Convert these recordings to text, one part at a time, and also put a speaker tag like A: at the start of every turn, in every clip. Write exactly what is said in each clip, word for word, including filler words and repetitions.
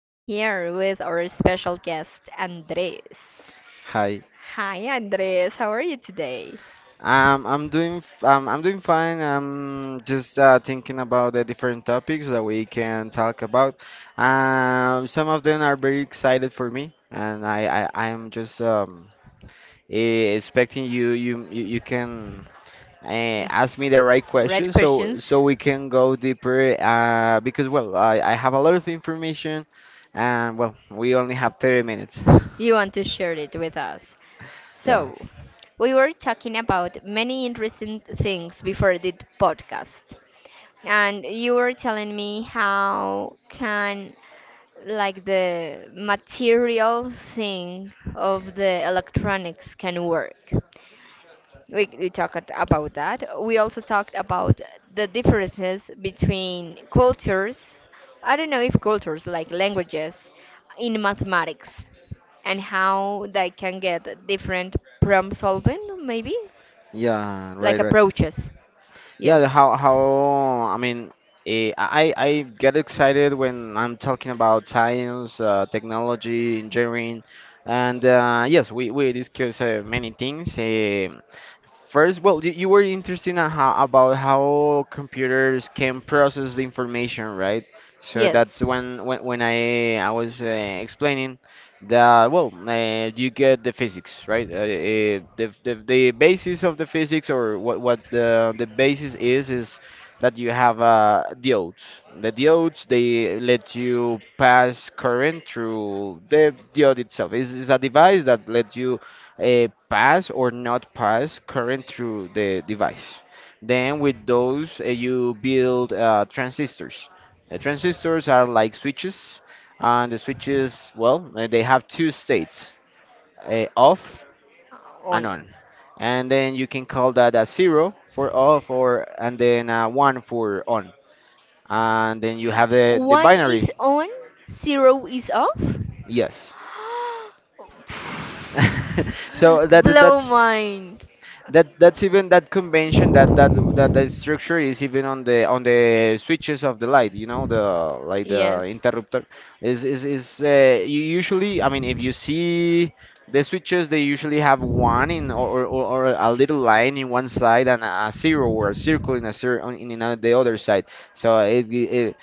A: I'm here with our special guest, Andres.
B: Hi.
A: Hi, Andres, how are you today?
B: Um, I'm doing f- um, I'm doing fine. I'm just uh, thinking about the different topics that we can talk about. Um, some of them are very excited for me, and I I I'm just um eh, expecting you you you, you can uh, ask me the right
A: Red
B: questions so
A: questions,
B: so we can go deeper. Uh, because well, I I have a lot of information, and well, we only have thirty minutes.
A: you want to share it with us.
B: Yeah.
A: So, we were talking about many interesting things before the podcast. And you were telling me how can like the material thing of the electronics can work. We, we talked about that. We also talked about the differences between cultures. I don't know if cultures, like languages, in mathematics, and how they can get different problem solving, maybe?
B: Yeah.
A: Like
B: Right. Right.
A: approaches.
B: Yeah, the
A: Yes.
B: how how I mean, eh, I I I get excited when I'm talking about science, uh, technology, engineering, and uh, yes, we we discuss uh, many things. eh, First, well, you, you were interested in how, about how computers can process the information, right? So
A: Yes.
B: that's when when, when I I was uh, explaining that well, uh, you get the physics, right? Uh, uh, the, the the basis of the physics or what what the the basis is is that you have uh, diodes. The diodes they let you pass current through the diode itself. It's, it's a device that lets you uh, pass or not pass current through the device. Then with those, uh, you build uh, transistors. The transistors are like switches, and the switches, well, uh, they have two states, uh, off and
A: On.
B: on. And then you can call that a zero for off, or and then a one for on. And then you have the, the
A: One is
B: binary.
A: on, zero is off?
B: Yes. So that that-
A: Blow
B: that's
A: mind.
B: That that's even that convention that that that the structure is even on the on the switches of the light. You know the like the
A: Yes.
B: interrupter is is is uh, you usually. I mean, if you see the switches, they usually have one in or or, or a little line in one side and a zero or a circle in a zero on- in another, the other side. So it, it, it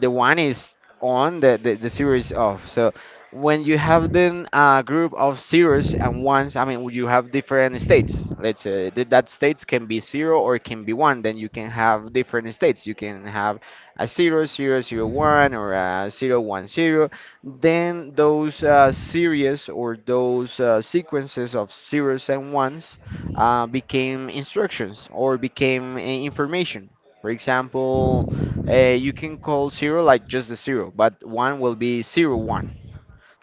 B: the one is on the the, the zero is off. So when you have then a group of zeros and ones, I mean, you have different states. Let's say that that states can be zero or it can be one. Then you can have different states. You can have a zero, zero, zero, one, or a zero, one, zero. Then those uh, series or those uh, sequences of zeros and ones uh, became instructions or became uh, information. For example, uh, you can call zero like just the zero, but one will be zero one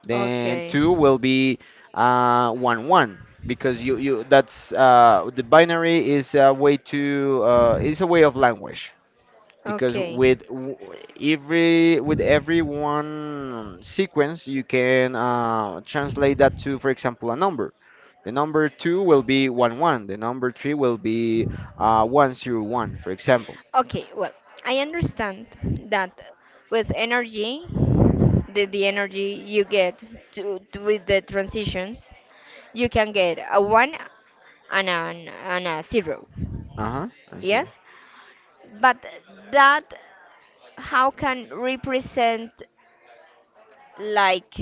B: then
A: Okay.
B: two will be uh, one one because you you that's uh, the binary is a way to uh, is a way of language because
A: Okay.
B: with w- every with every one sequence you can uh, translate that to for example a number. The number two will be one one. The number three will be uh, one zero one, for example.
A: Okay, well, I understand that with energy, the, the energy you get to, to- with the transitions, you can get a one and a, and a zero.
B: Uh huh.
A: Yes, but that how can represent like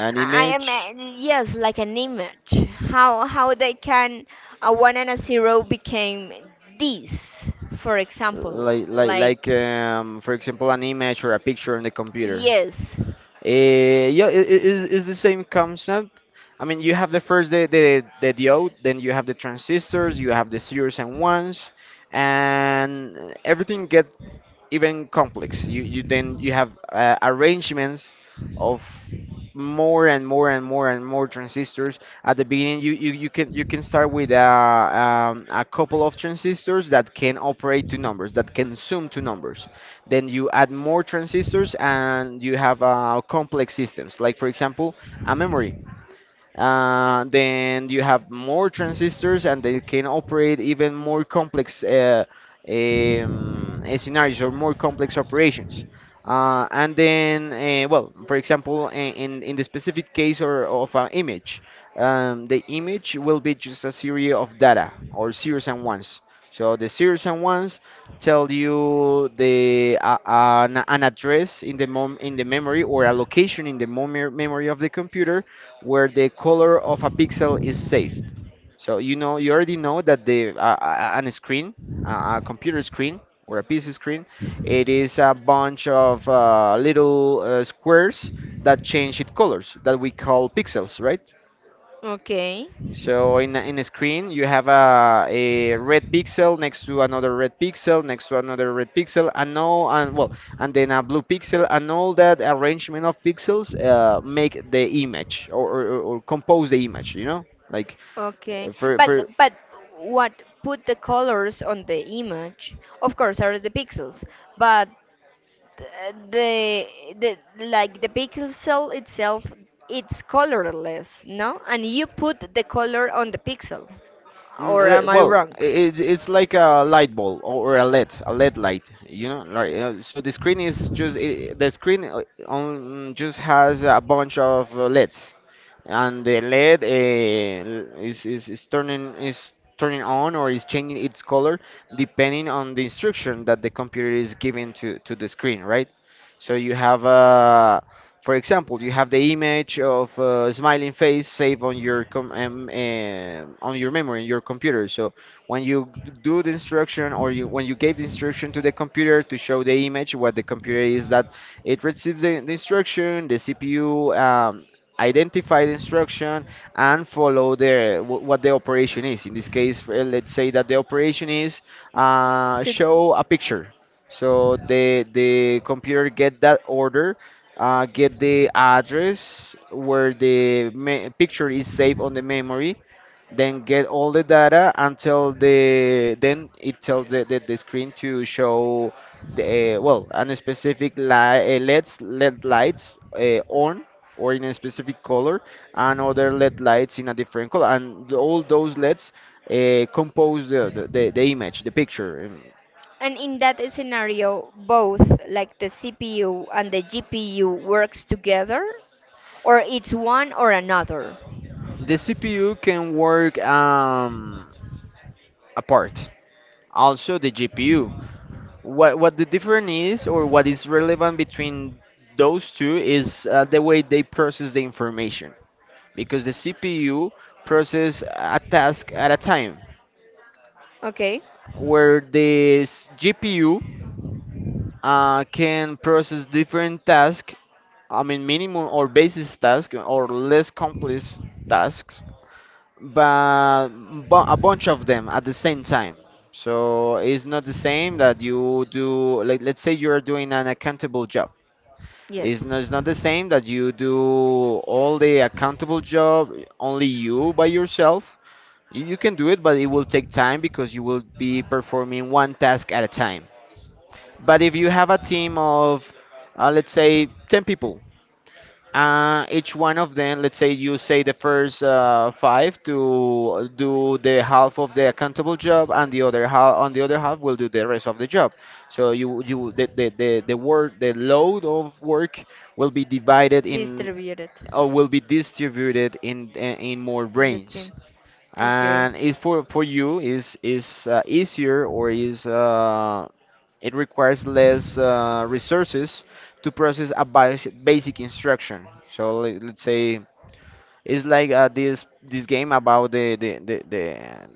B: An
A: I am
B: image.
A: uh, yes, like an image. How how they can a one and a zero became this, for example,
B: Like like
A: like
B: like um, for example an image or a picture on the computer.
A: yes,
B: Uh, yeah it, it- it's, it's the same concept. I mean you have the first the, the the diode, then you have the transistors, you have the zeros and ones, and everything even complex. You you then you have uh, arrangements of more and more and more and more transistors. At the beginning, you you, you can you can start with a um, a couple of transistors that can operate to numbers, that can sum to numbers. Then you add more transistors and you have uh, complex systems. Like for example, a memory. Uh, then you have more transistors, and they can operate even more complex uh, um, uh, scenarios or more complex operations. Uh, and then, uh, well, for example, in, in, in the specific case or of an image, um, the image will be just a series of data or zeros and ones. So the zeros and ones tell you the uh, an, an address in the mom in the memory or a location in the mom memory of the computer where the color of a pixel is saved. So you know, you already know that the uh, uh, on a screen, uh, a computer screen or a P C screen, it is a bunch of uh, little uh, squares that change its colors that we call pixels, right?
A: okay,
B: So in a, in a screen, you have a, a red pixel next to another red pixel, next to another red pixel, and all, and well, and then a blue pixel, and all that arrangement of pixels uh, make the image or, or, or or compose the image. You know, like
A: okay.
B: uh, for
A: But
B: for
A: but what put the colors on the image? Of course, are the pixels, but th- the the like the pixel itself it's colorless no and you put the color on the pixel
B: Mm,
A: or
B: le-
A: am I
B: well,
A: wrong?
B: it, it's like a light bulb or or a L E D, a L E D light, you know. Like, uh, so the screen is just I the screen uh, on just has a bunch of uh, L E Ds, and the L E D uh, l- is, is is turning is turning on or is changing its color depending on the instruction that the computer is giving to to the screen, right? So you have a for example, you have the image of a smiling face saved on your com um, eh, on your memory in your computer. So when you do the instruction or you when you gave the instruction to the computer to show the image, what the computer is that it receives the, the instruction, the C P U um, identify the instruction and follow the wh- what the operation is. In this case, eh, let's say that the operation is uh,
A: To-
B: show a picture. So the the computer get that order, uh, get the address where the me- picture is saved on the memory, then get all the data until the then it tells the, the, the screen to show the uh, well a specific light uh, leds led lights uh, on or in a specific color and other led lights in a different color and the- all those leds uh, compose the, the, the the image, the picture. Um,
A: and in that scenario both like the CPU and the GPU works together or it's one or another,
B: the CPU can work um, apart also the G P U. What what the difference is, or what is relevant between those two, is uh, the way they process the information. Because the C P U process a task at a time,
A: okay?
B: where the s- G P U uh, can process different tasks. I mean, minimum or basis tasks or less complex tasks, but bu- a bunch of them at the same time. So it's not the same that you do, like, let's say you're doing an accountable job.
A: Yes.
B: It's not, it's not the same that you do all the accountable job, only you by yourself. You, you can do it, but it will take time because you will be performing one task at a time. But if you have a team of, uh, let's say, ten people, uh, each one of them, let's say you say the first uh, five to do the half of the accountable job, and the other half on the other half will do the rest of the job. So you you the the the, the work, the load of work will be divided in
A: Distributed
B: or will be distributed in uh, in more
A: in the team.
B: brains.
A: Okay.
B: And it's for for you is is uh, easier or is uh, it requires less uh, resources to process a bas- basic instruction. So le- let's say it's like uh, this this game about the the the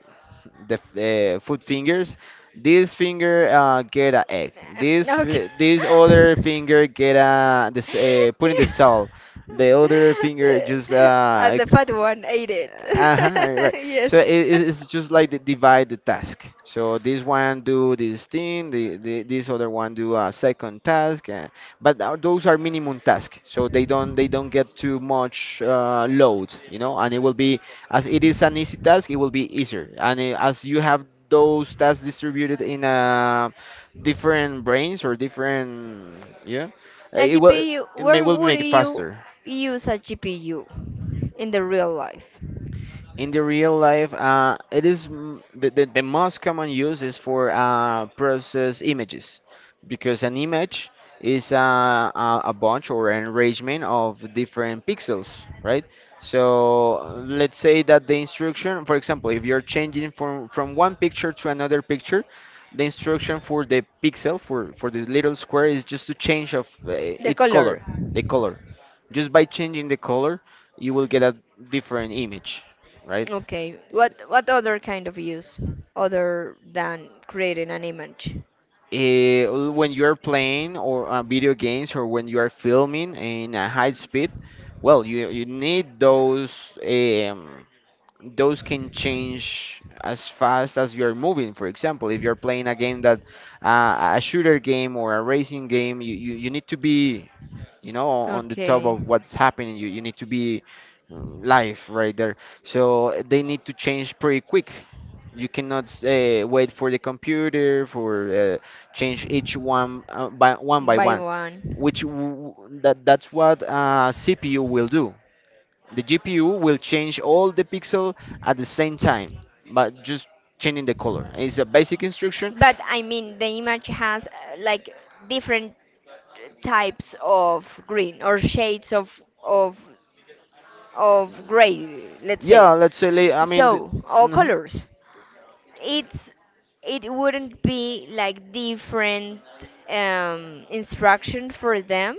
B: the, the uh, food fingers. This finger uh, get an egg. This
A: Nah, okay.
B: fi- this other finger get a this uh, put in the salt. The other finger just
A: Uh,
B: uh,
A: the fat one ate it.
B: uh-huh, right.
A: Yes.
B: So it, it- it's just like they divide the task. So this one do this thing, the, the this other one do a second task. Uh, but tho- those are minimum tasks, so they don't they don't get too much uh, load, you know. And it will be as it is an easy task, it will be easier. And uh, as you have those tasks distributed in uh, different brains or different, yeah, uh,
A: A
B: it will
A: G P U,
B: it may,
A: where
B: will
A: would
B: make it
A: you
B: faster.
A: use a G P U? In the real life.
B: In the real life, uh, it is m- the, the, the most common use is for uh, process images because an image is uh, a, a bunch or an arrangement of different pixels, right? So uh, let's say that the instruction, for example, if you're changing from, from one picture to another picture, the instruction for the pixel, for, for the little square, is just to change of uh,
A: The
B: its color,
A: color.
B: the color. Just by changing the color, you will get a different image, right?
A: Okay. What what other kind of use other than creating an image?
B: Eh, when you're playing or uh, video games or when you are filming in a high speed, well, you you need those um, those can change as fast as you're moving. For example, if you're playing a game that uh, a shooter game or a racing game, you, you, you need to be you know on the top
A: Okay.
B: of what's happening. You you need to be mm, live right there, so uh, they need to change pretty quick. You cannot uh, wait for the computer for uh, change each one uh, by one by
A: By
B: one, which
A: one.
B: w- that that's what uh, C P U will do. The G P U will change all the pixel at the same time, but just changing the color, it's a basic instruction.
A: But I mean, the image has uh, like different types of green or shades of of of gray, let's say.
B: Yeah let's say la- I mean
A: So, all
B: Mhm.
A: colors. It's it wouldn't be like different um, instruction for them.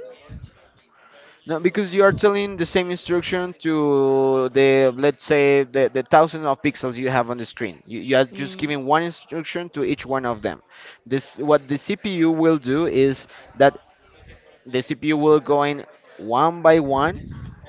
B: No, because you are telling the same instruction to the, let's say, the, the thousand of pixels you have on the screen. You, you are just
A: Mm.
B: giving one instruction to each one of them. This, what the C P U will do, is that the C P U will go in one by one,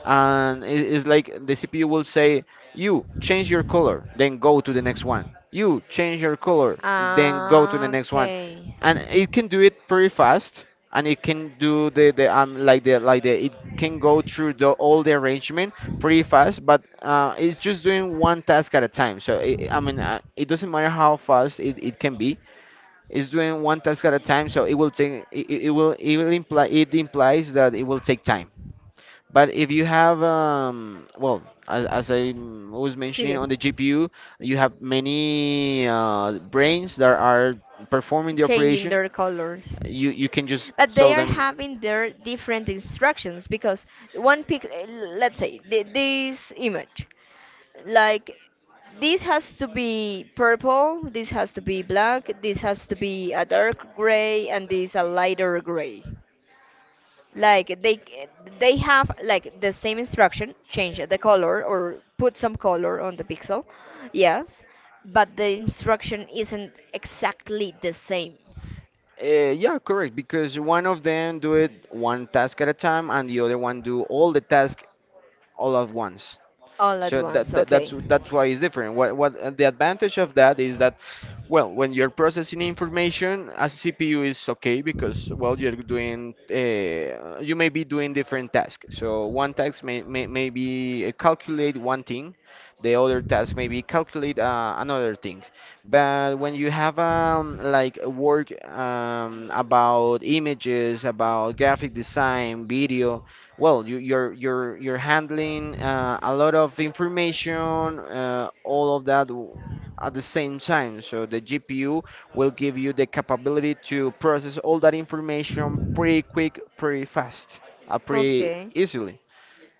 B: and it- it's like the C P U will say, "You change your color, then go to the next one. You change your color, then go to the
A: Ah,
B: next one,"
A: okay.
B: and it can do it pretty fast, and it can do the the um like the like the it can go through the all the arrangement pretty fast, but uh, it's just doing one task at a time. So it, I mean, uh, it doesn't matter how fast it, it can be. It's doing one task at a time, so it will take it, it it will it will imply it implies that it will take time. But if you have, um, well, as, as I mm, was mentioning
A: See,
B: on the G P U, you have many uh, brains that are performing the
A: changing
B: operation.
A: their colors.
B: You you can just
A: But they
B: tell
A: are
B: them.
A: having their different instructions because one pic let's say th- this image like this has to be purple, this has to be black, this has to be a dark gray, and this a lighter gray, like they they have like the same instruction, change the color or put some color on the pixel, yes, but the instruction isn't exactly the same
B: Uh, yeah, correct. Because one of them do it one task at a time, and the other one do all the task all at once.
A: all at
B: So that,
A: once,
B: that that's
A: okay?
B: that's why it's different. What what uh, The advantage of that is that, well, when you're processing information, as C P U is okay, because well you're doing uh, you may be doing different tasks. So one task may may, may be uh, calculate one thing, the other task may be calculate uh, another thing. But when you have um like work um about images, about graphic design, video, well you, you're you're you're handling uh, a lot of information uh, all of that w- at the same time, so the GPU will give you the capability to process all that information pretty quick, pretty fast, uh, pretty easily.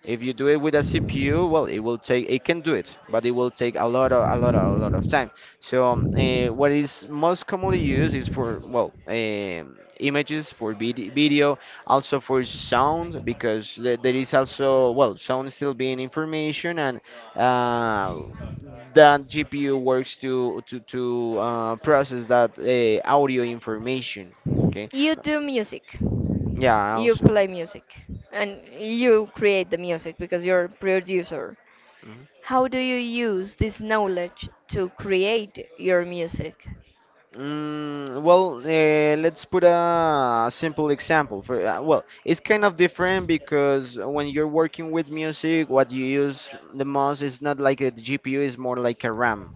B: If you do it with a C P U, well, it will take, it can do it, but it will take a lot of, a lot of, a lot of time. So, um, eh, what is most commonly used is for, well, um images, for vid video, also for sound, because the- there is also, well, sound still being information, and uh, that G P U works to to to uh, process that uh, audio information. Okay.
A: You do music.
B: Yeah.
A: You
B: Also.
A: play music. And you create the music because you're a producer.
B: Mm-hmm.
A: How do you use this knowledge to create your music?
B: Mm, well, uh, let's put a simple example. For uh, well, it's kind of different, because when you're working with music, what you use the most is not like a G P U; is more like a RAM.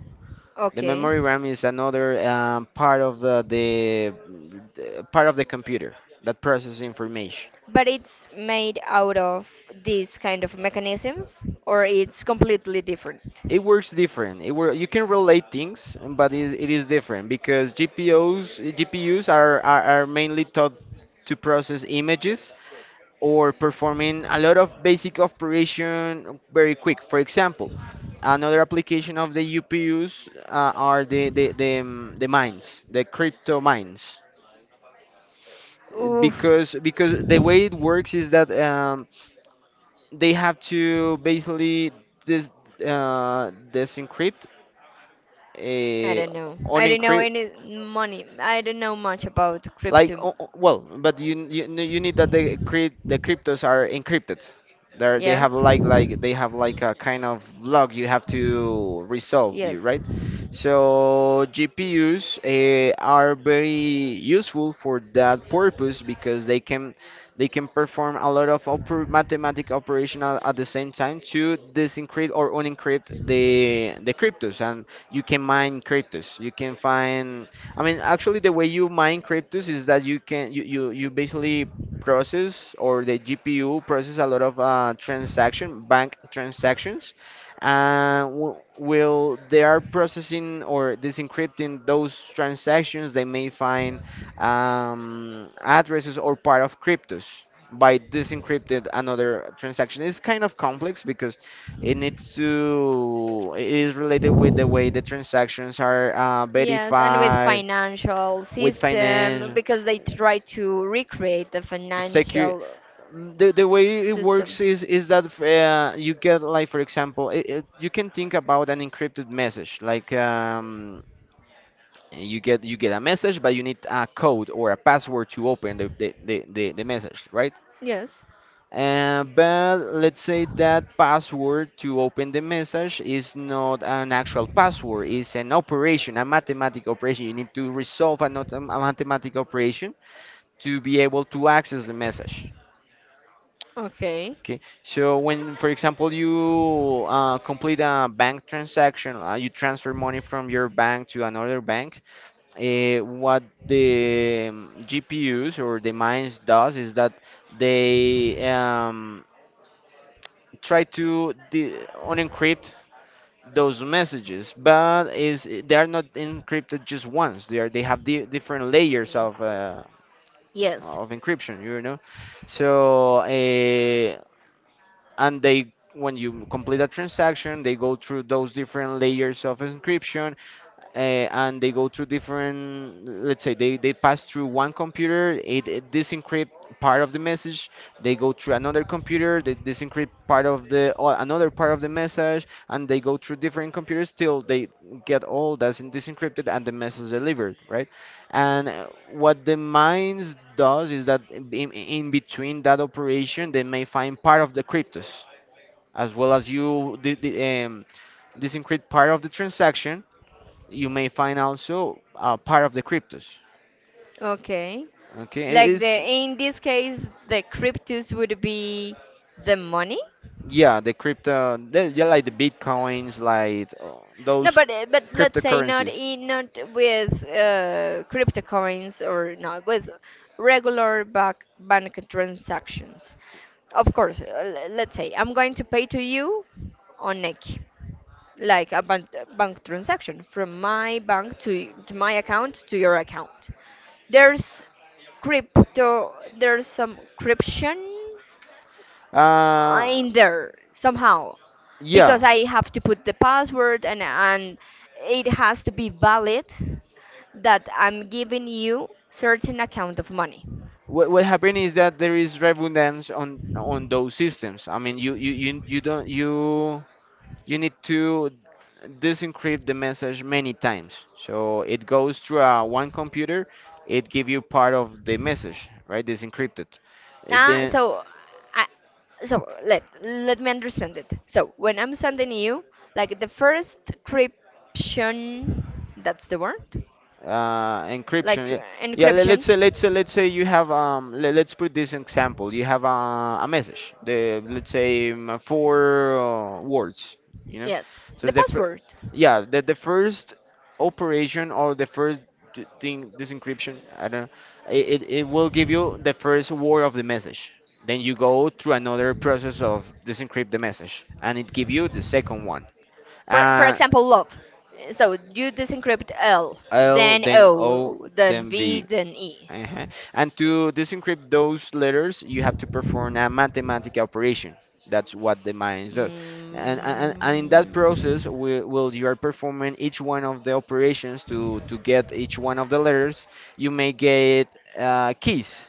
B: The
A: Okay.
B: memory RAM is another um, part of the, the the part of the computer that processes information.
A: But it's made out of these kind of mechanisms, or it's completely different.
B: It works different. It wor You can relate things, but it, it is different because G P Us G P Us are, are, are mainly taught to process images, or performing a lot of basic operation very quick. For example, another application of the U P Us uh, are the the, the, um, the mines, the crypto mines.
A: Oof.
B: Because because the way it works is that um, they have to basically this uh, disencrypt,
A: I
B: uh,
A: don't know. I don't know
B: unencrypt.
A: any money. I don't know much about
B: Like,
A: crypto.
B: o- o- well, but you you, you need that the crypt the cryptos are encrypted. They they have
A: Yes.
B: like like they have like a kind of log you have to resolve, you
A: Yes.
B: right. So G P Us uh, are very useful for that purpose because they can they can perform a lot of oper mathematic operation at, at the same time to disencrypt or unencrypt the the cryptos, and you can mine cryptos. You can find, I mean, actually, the way you mine cryptos is that you can you you, you basically process, or the G P U process a lot of uh, transaction bank transactions, and w will they are processing or disencrypting those transactions, they may find um, addresses or part of cryptos. By disencrypted another transaction. It's kind of complex because it needs to, it is related with the way the transactions are uh,
A: Yes, and with
B: verified
A: financial
B: with
A: system
B: finance,
A: because they try to recreate the
B: secure.
A: financial
B: the, the way it
A: system.
B: works is is that uh, you get, like for example, it, it, you can think about an encrypted message like um, you get, you get a message, but you need a code or a password to open the the, the, the, the message, right?
A: Yes.
B: Uh, but let's say that password to open the message is not an actual password, it's an operation, a mathematical operation you need to resolve, a, not a mathematical operation, to be able to access the message.
A: Okay.
B: Okay, so when, for example, you uh, complete a bank transaction, uh, you transfer money from your bank to another bank. Uh, what the um, G P Us or the mines does is that they um, try to de- unencrypt those messages, but is they are not encrypted just once. They are they have di- different layers
A: Mm.
B: of uh,
A: Yes.
B: of encryption. You know, so uh, and they when you complete a transaction, they go through those different layers of encryption, uh, and they go through different, let's say they, they pass through one computer, it, it disencrypt part of the message, they go through another computer, they disencrypt part of the or another part of the message, and they go through different computers till they get all that's in- disencrypted and the message delivered, right? And uh, what the mines does is that in, in between that operation, they may find part of the cryptos. As well as you the, the, um, disincript part of the transaction, you may find also uh, part of the cryptos.
A: Okay.
B: Okay, it
A: Like the
B: is
A: in this case the cryptos would be the money?
B: yeah the crypto the- yeah, like the bitcoins, like uh,
A: No,
B: those
A: but uh, but let's say not
B: cryptocurrencies.
A: in not with uh, cryptocurrencies or not with regular bank bank transactions. Of course, uh, l- let's say I'm going to pay to you on Nequi, like a bank, bank transaction from my bank to to my account to your account. There's crypto. There's some encryption
B: Uh,
A: in there somehow
B: yeah.
A: because I have to put the password and and it has to be valid that I'm giving you certain amount of money.
B: What what happened is that there is redundancy on on those systems. I mean, you you you, you don't you, you need to disencrypt the message many times. So it goes through uh, one computer, it give you part of the message, right? Disencrypted. Uh,
A: Ah,
B: Then
A: so I, so let let me understand it. So when I'm sending you like the first encryption, that's the word,
B: uh, encryption.
A: like
B: Yeah,
A: uh,
B: yeah. le- Let's
A: encryption.
B: say, let's say, let's say you have um. Let, let's put this example. You have a, a message. The let's say um, uh, four uh, words. You know,
A: Yes, the
B: so the fir-
A: password.
B: yeah the the first operation or the first d- thing this encryption. I don't know. It, it it will give you the first word of the message. Then you go through another process of disencrypt the message, and it give you the second one.
A: For for
B: Uh,
A: example, love. So you disencrypt L,
B: L
A: then
B: then O
A: O, then
B: then
A: V,
B: V.
A: then E.
B: Uh-huh. And to disencrypt those letters, you have to perform a mathematical operation. That's what the mines
A: Mm.
B: does. And, and,
A: Mm.
B: and in that process, we, will you are performing each one of the operations to, to get each one of the letters, you may get uh, keys,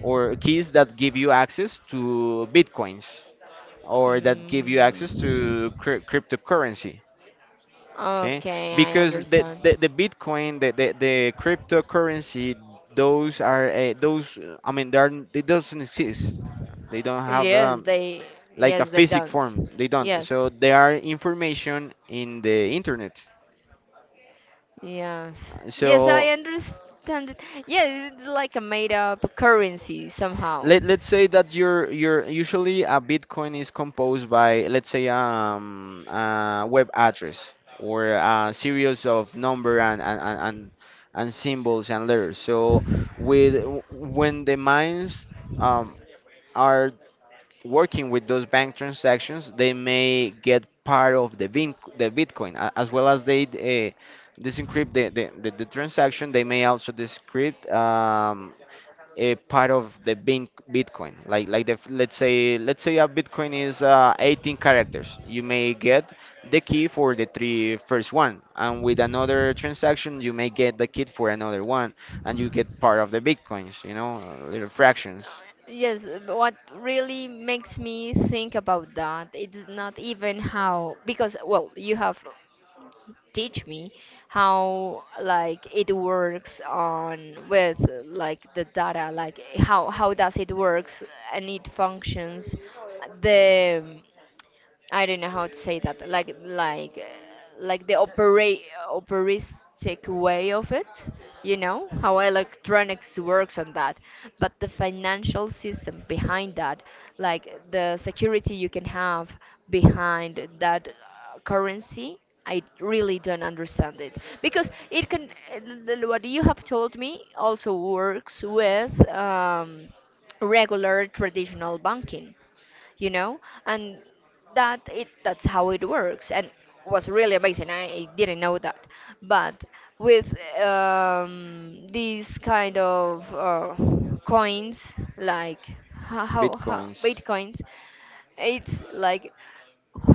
B: or keys that give you access to bitcoins, or that give you access to cryp- cryptocurrency. Okay,
A: Okay, I
B: because the
A: understand.
B: the, the bitcoin the, the the cryptocurrency, those are uh, those uh, I mean they are n- they doesn't exist, they don't have
A: Yes,
B: um,
A: they
B: like a
A: yes they
B: physic
A: don't.
B: form, they don't,
A: Yes.
B: so they are information in the internet.
A: Yes.
B: Uh,
A: Yes, I
B: so
A: understand it. Yes, it's like a made up currency somehow.
B: Let let's say that your your usually a Bitcoin is composed by let's say um a web address, or a series of number and and and and, and symbols and letters. So with w- when the mines um are working with those bank transactions, they may get part of the bin, the Bitcoin a- as well as they uh, disencrypt the, the, the, the transaction. They may also decrypt Um, a part of the bin Bitcoin. Like like the, f- let's say let's say a Bitcoin is uh, eighteen characters. You may get the key for the three first one, and with another transaction you may get the key for another one, and you get part of the Bitcoins. You know, little fractions.
A: Yes, but what really makes me think about that, it's not even how, because, well, you have teach me how like it works on with like the data, like how how does it works and it functions, the I don't know how to say that. Like like uh, like the operate operistic way of it. You know how electronics works on that, but the financial system behind that, like the security you can have behind that uh, currency, I really don't understand it because it can. uh, What you have told me also works with um, regular traditional banking, you know and that it that's how it works and was really amazing, i, I didn't know that, but with um, these kind of uh, coins, like how, how, how
B: Bitcoins. Bitcoins.
A: bitcoins, it's like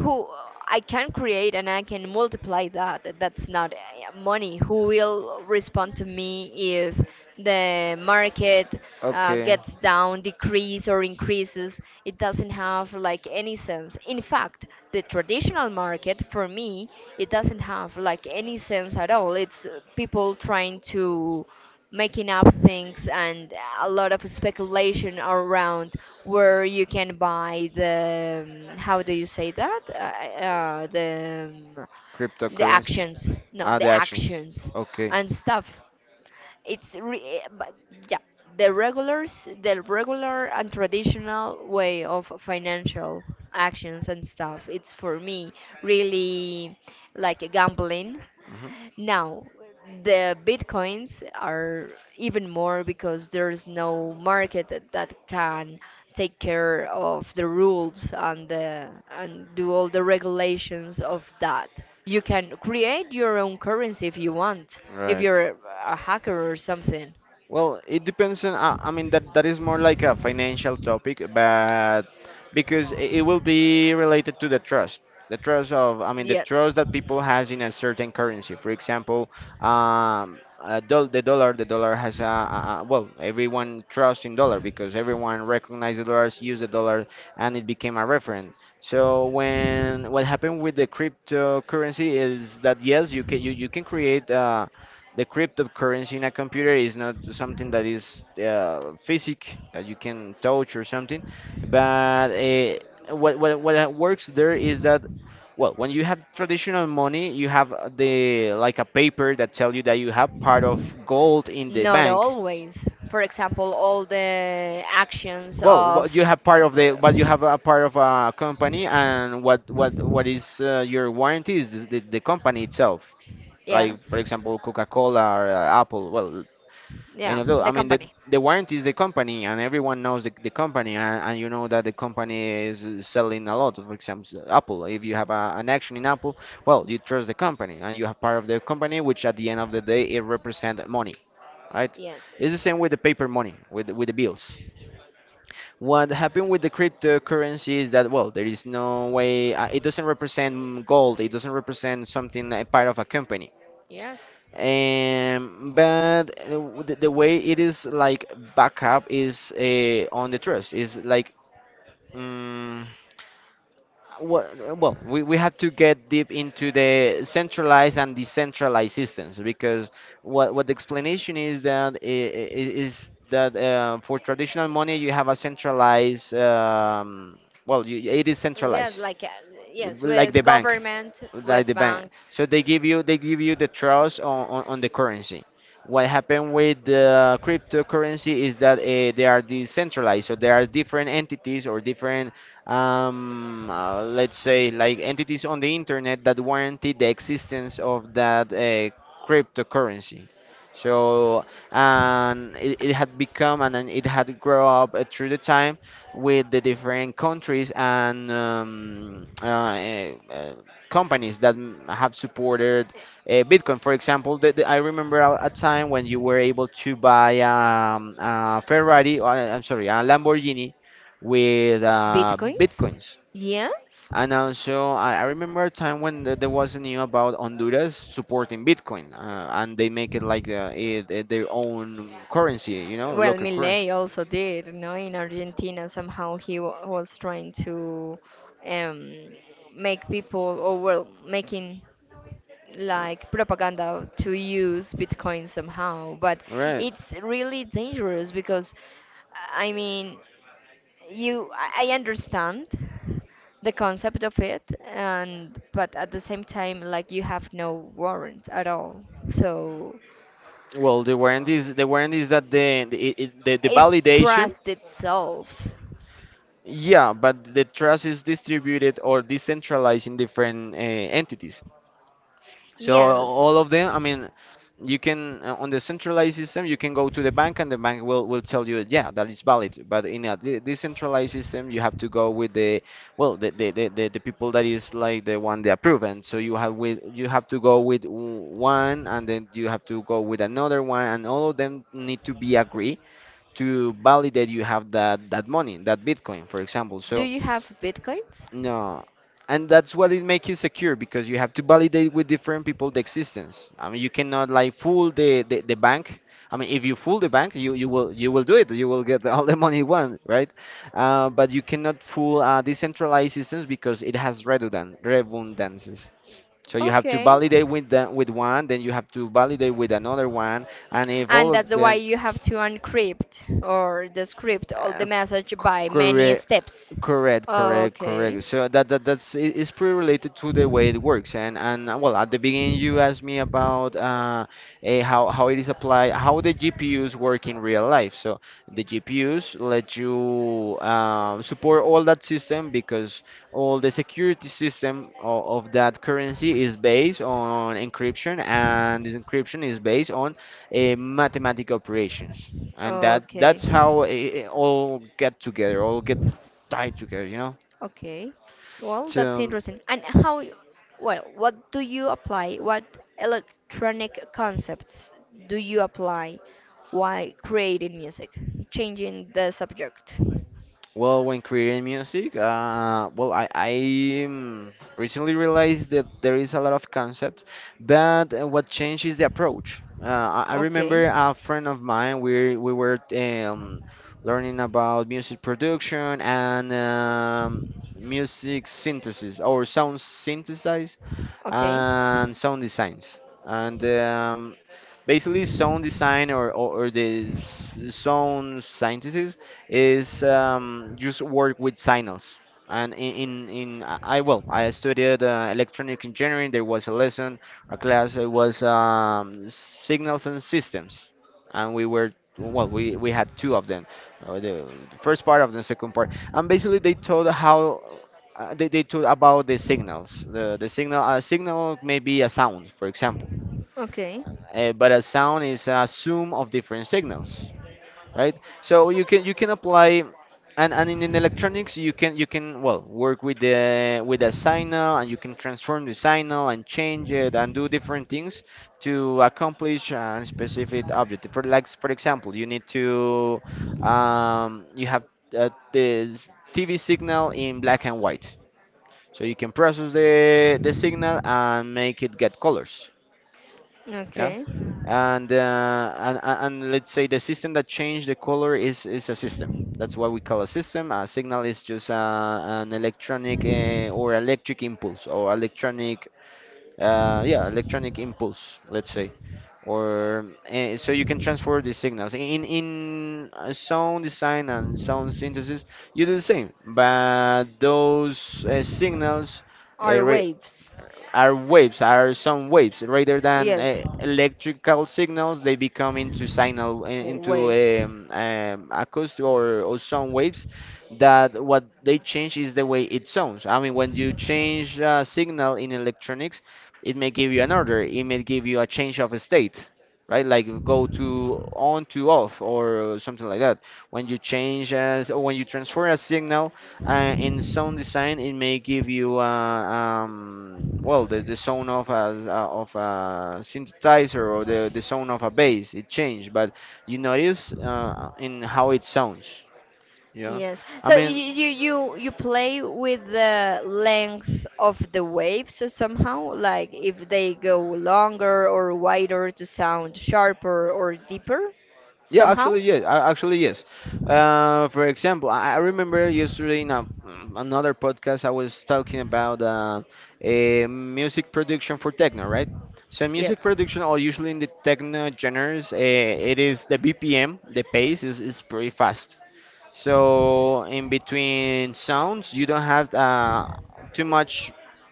A: who I can create and I can multiply that. That's not uh, money. Who will respond to me if the market uh,
B: Okay.
A: gets down, decrease or increases? It doesn't have like any sense. In fact, the traditional market for me, it doesn't have like any sense at all. It's uh, people trying to making up things and a lot of speculation around where you can buy the um, how do you say that uh, uh, the um, the
B: Cryptocurrency.
A: actions, no
B: Ah,
A: the
B: the actions.
A: actions,
B: Okay.
A: and stuff, it's re- but yeah, the regulars the regular and traditional way of financial actions and stuff it's for me really like gambling
B: Hmm.
A: now, the bitcoins are even more because there's no market that that can take care of the rules and the and do all the regulations of that. You can create your own currency if you want, if
B: Right.
A: you're a hacker or something.
B: Well, it depends on. Uh, I mean, that that is more like a financial topic, but because i- it will be related to the trust, the trust of. I mean, the
A: Yes.
B: trust that people has in a certain currency. For example, um, a dol the dollar. The dollar has a, a, a well, everyone trusts in dollar because everyone recognizes the dollars, use the dollar, and it became a reference. So when what happened with the cryptocurrency is that yes, you can you, you can create. Uh, the cryptocurrency in a computer is not something that is uh, physic that you can touch or something, but uh, what, what what works there is that, well, when you have traditional money, you have the, like a paper that tell you that you have part of gold in the
A: Not
B: bank.
A: always. For example, all the actions
B: Well,
A: of.
B: what you have part of the, but you have a part of a company. And what what what is uh, your warranty is the, the the company itself, like
A: Yes.
B: for example, coca-cola or uh, apple. Well, and
A: Yeah,
B: although,
A: the
B: I mean, the
A: company.
B: the warranty is the company, and everyone knows the, the company, and, and you know that the company is uh, selling a lot. For example, s- Apple. If you have a, an action in Apple, well, you trust the company, and you have part of the company, which at the end of the day, it represents money, right?
A: Yes.
B: It's the same with the paper money, with the- with the bills. What happened with the cryptocurrency is that, well, there is no way. Uh, it doesn't represent gold. It doesn't represent something a part of a company.
A: Yes.
B: Um, but uh, w- the, the way it is like backup is uh, on the trust is like. um, well, well we, we have to get deep into the centralized and decentralized systems, because what what the explanation is that i- i- is that uh, for traditional money you have a centralized. Um, well, you, it is
A: Yes,
B: centralized
A: like uh, yes,
B: like
A: with
B: the bank.
A: government,
B: like
A: with
B: the bank
A: banks.
B: So they give you they give you the trust on, on, on the currency. What happened with the cryptocurrency is that uh, they are decentralized, so there are different entities or different, um, uh, let's say, like entities on the internet that warranty the existence of that uh, cryptocurrency. So, and it, it had become, and then it had grown up uh, through the time with the different countries, and um, uh, eh, uh, companies that m- have supported uh, Bitcoin. For example, the, the- I remember a, a time when you were able to buy um, a Ferrari, or, uh, I'm sorry, a Lamborghini with uh,
A: Bitcoins?
B: Bitcoins.
A: Yes?
B: And also, I, I remember a time when th- there was a news about Honduras supporting Bitcoin, uh, and they make it like uh, it, it, their own currency, you know,
A: Well,
B: local currency.
A: Milei also did, you know, in Argentina. Somehow he wa was trying to um, make people, or well, making like propaganda to use Bitcoin somehow. But
B: Right.
A: it's really dangerous because, I mean, you, I I understand the concept of it, and but at the same time, like you have no warrant at all. So
B: Well, the warranty is the warranty is that the the, it, it- the the
A: it's
B: validation,
A: trust itself.
B: yeah, but the trust is distributed or decentralized in different uh, entities. So
A: Yes.
B: all of them, I mean, you can uh, on the centralized system, you can go to the bank, and the bank will will tell you, yeah, that is valid. But in a de- decentralized system, you have to go with the well, the the, the, the the people that is like the one they approve, and so you have with you have to go with w- one, and then you have to go with another one, and all of them need to be agree, to validate you have that that money, that Bitcoin, for example.
A: Do
B: So
A: you have bitcoins?
B: no, and that's what it makes you secure, because you have to validate with different people the existence. I mean, you cannot like fool the the, the bank. I mean, if you fool the bank, you, you will you will do it. You will get all the money you want, right? Uh, but you cannot fool uh, decentralized systems, because it has redundant redundancies. So you have to
A: Okay.
B: validate with the, with one, then you have to validate with another one, and if
A: And
B: all of
A: that's why
B: them
A: you have to uncrypt or decrypt all the
B: uh,
A: message by many
B: corre-
A: steps.
B: correct, correct,
A: Okay,
B: correct. So that that that's it- it's pretty related to the way it works. And and uh, well, at the beginning you asked me about uh, eh, how how it is applied, how the G P Us work in real life. So the G P Us let you um, support all that system, because all the security system of, of that currency is based on encryption, and this encryption is based on uh, mathematical operations, and that
A: okay,
B: that's how uh, it all get together all get tied together, you know?
A: okay. Well, that's
B: So,
A: interesting. And how, well, what do you apply? What electronic concepts do you apply while creating music, changing the subject?
B: well, when creating music, uh, well, I, I um, recently realized that there is a lot of concepts, but uh, what changed is the approach. Uh, I, I
A: Okay.
B: remember a friend of mine. We, we were um, learning about music production and um, music synthesis or sound synthesis.
A: Okay.
B: And sound designs. And um, basically, sound design or, or, or the s- sound scientists is um, just work with signals. And in, in, in I I- well, I studied uh, electronic engineering. There was a lesson, a class. It was um, signals and systems, and we were well, we we had two of them. Uh, the, the first part of the second part, and basically they told how uh, they, they talk about the signals. The, the signal a signal may be a sound, for example,
A: Okay.
B: uh, but a sound is a sum of different signals, right? So you can you can apply, and, and in, in electronics you can you can well work with the with a signal, and you can transform the signal and change it and do different things to accomplish a specific objective. For like for example, you need to. Um, you have uh, the T V signal in black and white, so you can process the the signal and make it get colors. Yeah.
A: Okay.
B: And uh, and and and let's say the system that changed the color is is a system. That's what we call a system. A signal is just uh, an electronic uh, or electric impulse or electronic uh, yeah, electronic impulse. Let's say. Or uh, so you can transfer the signals in in uh, sound design and sound synthesis. You do the same, but those uh, signals uh,
A: Are
B: re
A: waves.
B: are waves, are some waves rather than uh,
A: Yes.
B: electrical signals. They become into signal in- into
A: Waves.
B: um, um, acoustic or, or sound waves. That what they change is the way it sounds. I mean, when you change a signal in electronics, it may give you an order. It may give you a change of a state. Right, like go to on to off or something like that. When you change, as or when you transfer a signal uh, in sound design, it may give you uh, um, well, the, the sound of a uh, of a synthesizer or the, the sound of a bass. It changed, but you notice uh, in how it sounds. Yeah,
A: Yes.
B: I
A: So you
B: mean,
A: you you you play with the length of the waves so somehow like if they go longer or wider to sound sharper or deeper
B: yeah,
A: somehow?
B: actually, yes. a- Actually, yes. Uh, for example, I I remember yesterday in a, mm, another podcast I was talking about uh, a music production for techno, right? So music
A: Yes.
B: production, or usually in the techno genres, uh, it is the B P M, the pace is, is pretty fast. So in between sounds, you don't have uh, too much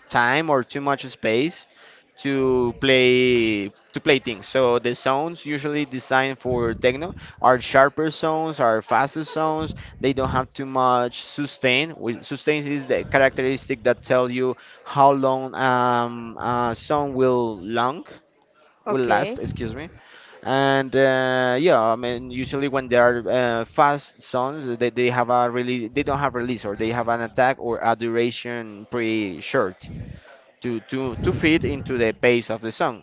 B: time or too much space to play to play things. So the sounds usually designed for techno are sharper sounds, are faster sounds. They don't have too much sustain. With- Sustain is the characteristic that tells you how long um, a song will long will last.
A: Okay.
B: Excuse me. And uh, yeah, I mean, usually when they are uh, fast songs, they, they have a really. They don't have release or they have an attack or a duration pretty short to to to fit into the pace of the song.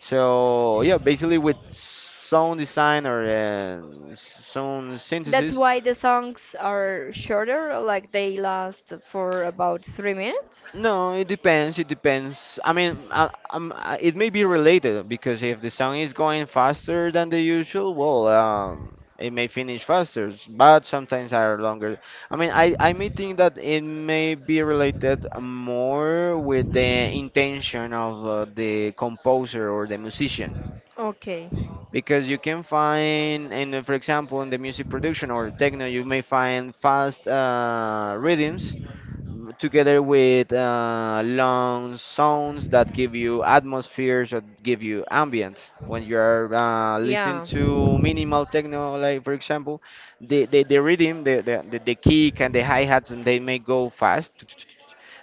B: So yeah, basically with sound design or uh, sound
A: That's
B: synthesis.
A: why the songs are shorter, like they last for about three minutes.
B: No, it depends. It depends. I mean, I, um, I, it may be related, because if the song is going faster than the usual, well, um, it may finish faster, s- but sometimes are longer. I mean, I, I may think that it may be related more with the intention of uh, the composer or the musician.
A: Okay.
B: Because you can find, and uh, for example, in the music production or techno, you may find fast uh, rhythms together with uh, long sounds that give you atmospheres, that give you ambient, when you're uh, listening
A: Yeah.
B: to minimal techno, like for example, the the, the rhythm, the, the the the kick and the hi-hats, they may go fast,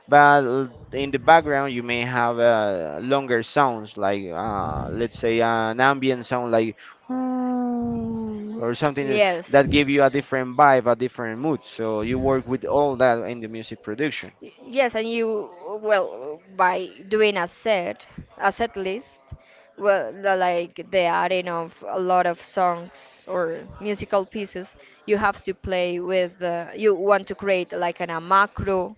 B: but l- in the background you may have uh, longer sounds, like uh, let's say an ambient sound, like or something
A: Yes.
B: that
A: Y-
B: give you a different vibe, a different mood. So you work with all that in the music production.
A: Yes, and you well by doing a set, a set list, well, the, like the adding of a lot of songs or musical pieces, you have to play with. Uh, you want to create like an, a macro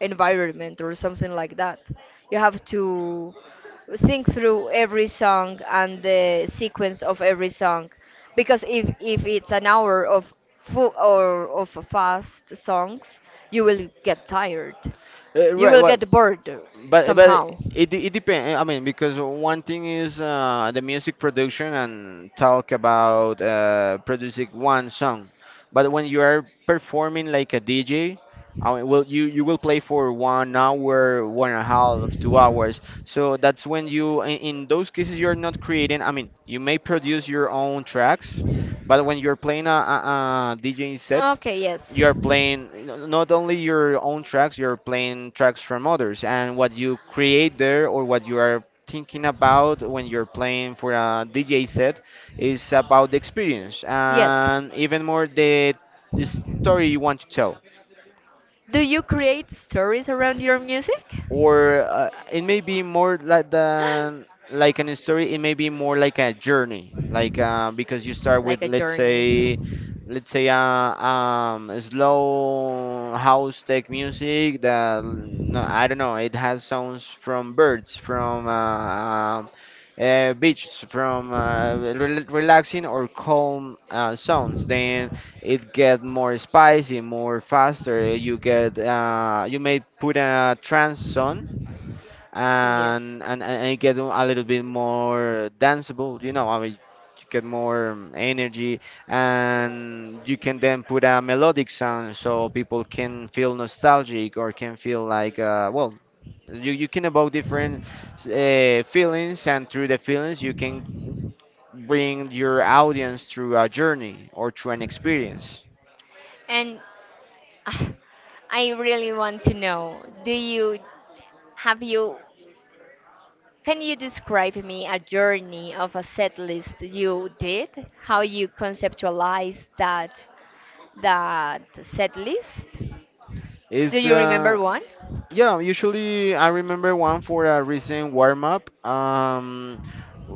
A: environment or something like that. You have to think through every song and the sequence of every song because if if it's an hour of full or of fast songs, you will get tired.
B: Uh,
A: You
B: right,
A: will
B: well,
A: get bored
B: But but
A: somehow.
B: it it depends. I mean, because one thing is uh, the music production and talk about uh, producing one song, but when you are performing like a D J, I mean, well, you you will play for one hour, one and a half, two hours. So that's when you in, in those cases you're not creating. I mean, you may produce your own tracks, but when you're playing a, a, a D J set,
A: Okay, yes.
B: you're playing not only your own tracks, you're playing tracks from others. And what you create there or what you are thinking about when you're playing for a dj set is about the experience,
A: Yes.
B: and even more the, the story you want to tell.
A: Do you create stories around your music?
B: Or uh, it may be more like than like an story. It may be more like a journey, like uh, because you start
A: Like
B: with,
A: a
B: let's
A: journey.
B: say let's say uh, um slow house tech music that, mm, no, I don't know, it has sounds from birds, from uh, um, uh, beaches, from uh, rel relaxing or calm uh, sounds. Then it get more spicy, more faster. You get uh, you may put a trance on,
A: Yes.
B: and and and it get a little bit more danceable. You know, I mean, you get more um, energy, and you can then put a melodic sound so people can feel nostalgic or can feel like uh, well. You, you can evoke different uh, feelings, and through the feelings, you can bring your audience through a journey or through an experience.
A: And ah, I really want to know, do you have you can you describe me a journey of a set list you did? How you conceptualize that that set list? Do
B: Is
A: you
B: uh,
A: remember one?
B: Yeah, usually I remember one for a recent warm up. Um,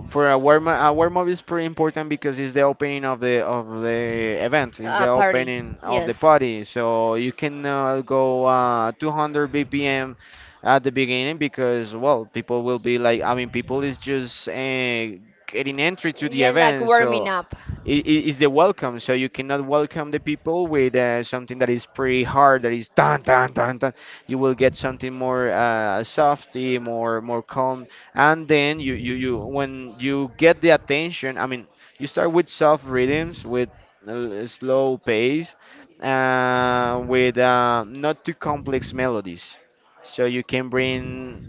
B: For a warm up, a warm up is pretty important because it's the opening of the of the event. It's the
A: A party,
B: opening of the
A: yes.
B: party, so you cannot go uh, two hundred B P M at the beginning, because well, people will be like, I mean, people is just uh, getting entry to the
A: Yeah, like
B: event.
A: warming
B: So
A: up.
B: it is the welcome. So you cannot welcome the people with uh, something that is pretty hard, that is tan tan tan tan. You will get something more uh, softy, more more calm, and then you, you you when you get the attention, I mean, you start with soft rhythms, with a slow pace, uh, with uh, not too complex melodies, so you can bring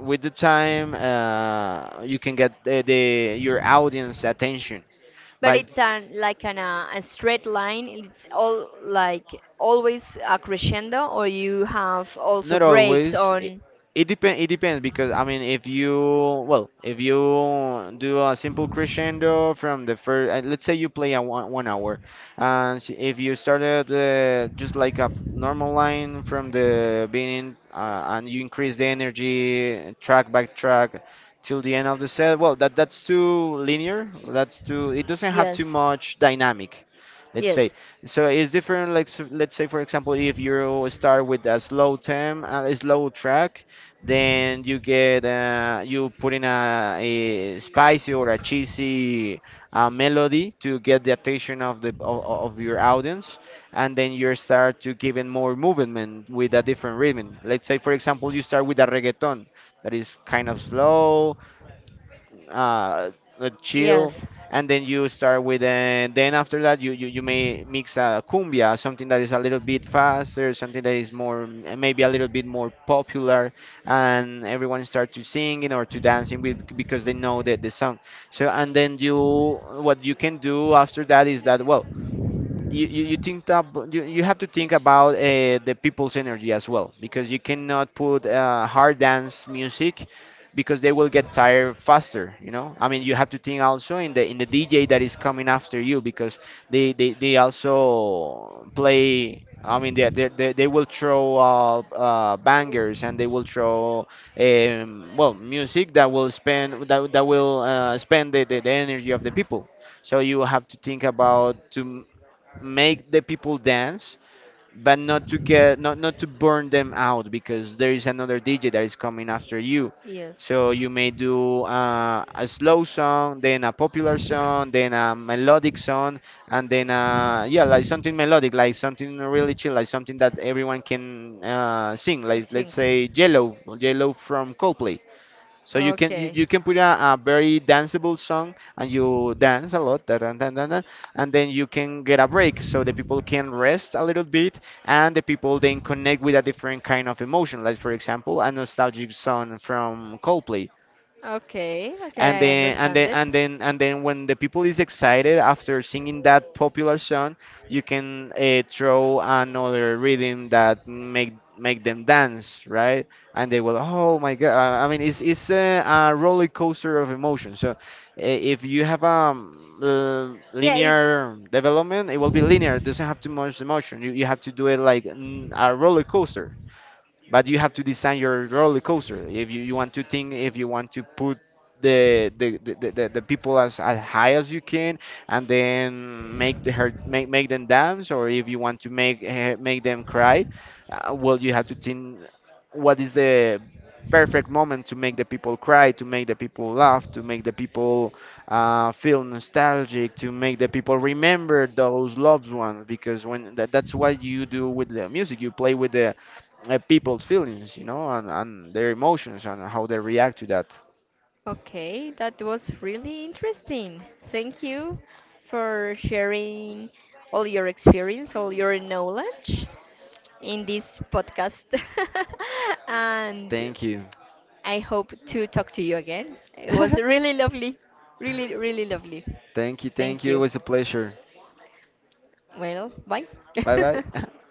B: with the time uh, you can get the, the your audience attention.
A: But
B: But
A: it's an like an, uh, a straight line. It's all like always a crescendo, or you have also
B: not
A: breaks
B: always. It,
A: on.
B: it depend. It depends. Because I mean, if you well, if you do a simple crescendo from the first, uh, let's say you play a one, one hour, and s- if you started uh, just like a normal line from the beginning, uh, and you increase the energy track by track till the end of the set, well, that that's too linear. That's too. It doesn't have
A: Yes.
B: too much dynamic. Let's say.
A: Yes.
B: So it's different. Like s- let's say, for example, if you start with a slow temp, uh, a slow track, then you get uh, you put in a, a spicy or a cheesy uh, melody to get the attention of the of, of your audience, and then you start to give it more movement with a different rhythm. Let's say, for example, you start with a reggaeton that is kind of slow, uh, uh, chill,
A: Yes.
B: and then you start with, uh, then after that you, you, you may mix a cumbia, something that is a little bit faster, something that is more, mm, maybe a little bit more popular, and everyone start to singing or to dancing with, because they know that the song. So, and then you, what you can do after that is that, well, you, you, you think that ab- you, you have to think about uh, the people's energy as well, because you cannot put uh, hard dance music, because they will get tired faster. You know, I mean, you have to think also in the in the dj that is coming after you, because they they, they also play. I mean, they, they, they they will throw uh, uh, bangers, and they will throw um, well, music that will spend that, that will uh, spend the, the, the energy of the people. So you have to think about to make the people dance, but not to get not not to burn them out, because there is another D J that is coming after you.
A: Yes.
B: So you may do uh, a slow song, then a popular song, then a melodic song, and then uh, yeah, like something melodic, like something really chill, like something that everyone can uh, sing.
A: I
B: Like let's
A: think.
B: say Yellow, Yellow from Coldplay. So you can you,
A: Okay.
B: you can put a, a very danceable song and you dance a lot, da, da, da, da, da, and then you can get a break so the people can rest a little bit, and the people then connect with a different kind of emotion, like for example a nostalgic song from Coldplay.
A: Okay,
B: and
A: okay, I
B: then and
A: understand
B: then
A: it.
B: and then and then when the people is excited after singing that popular song, you can uh, throw another rhythm that make make them dance, right? And they will, oh my god, i I mean, it's it's a, a roller coaster of emotion. So uh, if you have a
A: Yeah, it
B: linear development, it will be linear. It doesn't have too much emotion. You, you have to do it like, mm, a roller coaster. But you have to design your roller coaster. If you, you want to think, if you want to put the the, the, the, the the people as, as high as you can, and then make the her make, make them dance. Or if you want to make uh, make them cry, uh, well, you have to think what is the perfect moment to make the people cry, to make the people laugh, to make the people uh, feel nostalgic, to make the people remember those loved ones. Because when that, that's what you do with the music. You play with the uh, people's feelings, you know, and, and their emotions and how they react to that.
A: okay, that was really interesting. Thank you for sharing all your experience, all your knowledge in this podcast. And
B: Thank you.
A: I hope to talk to you again. It was really lovely. Really, really lovely.
B: Thank you, thank
A: Thank
B: you. It
A: you.
B: was a pleasure.
A: Well, bye.
B: Bye bye.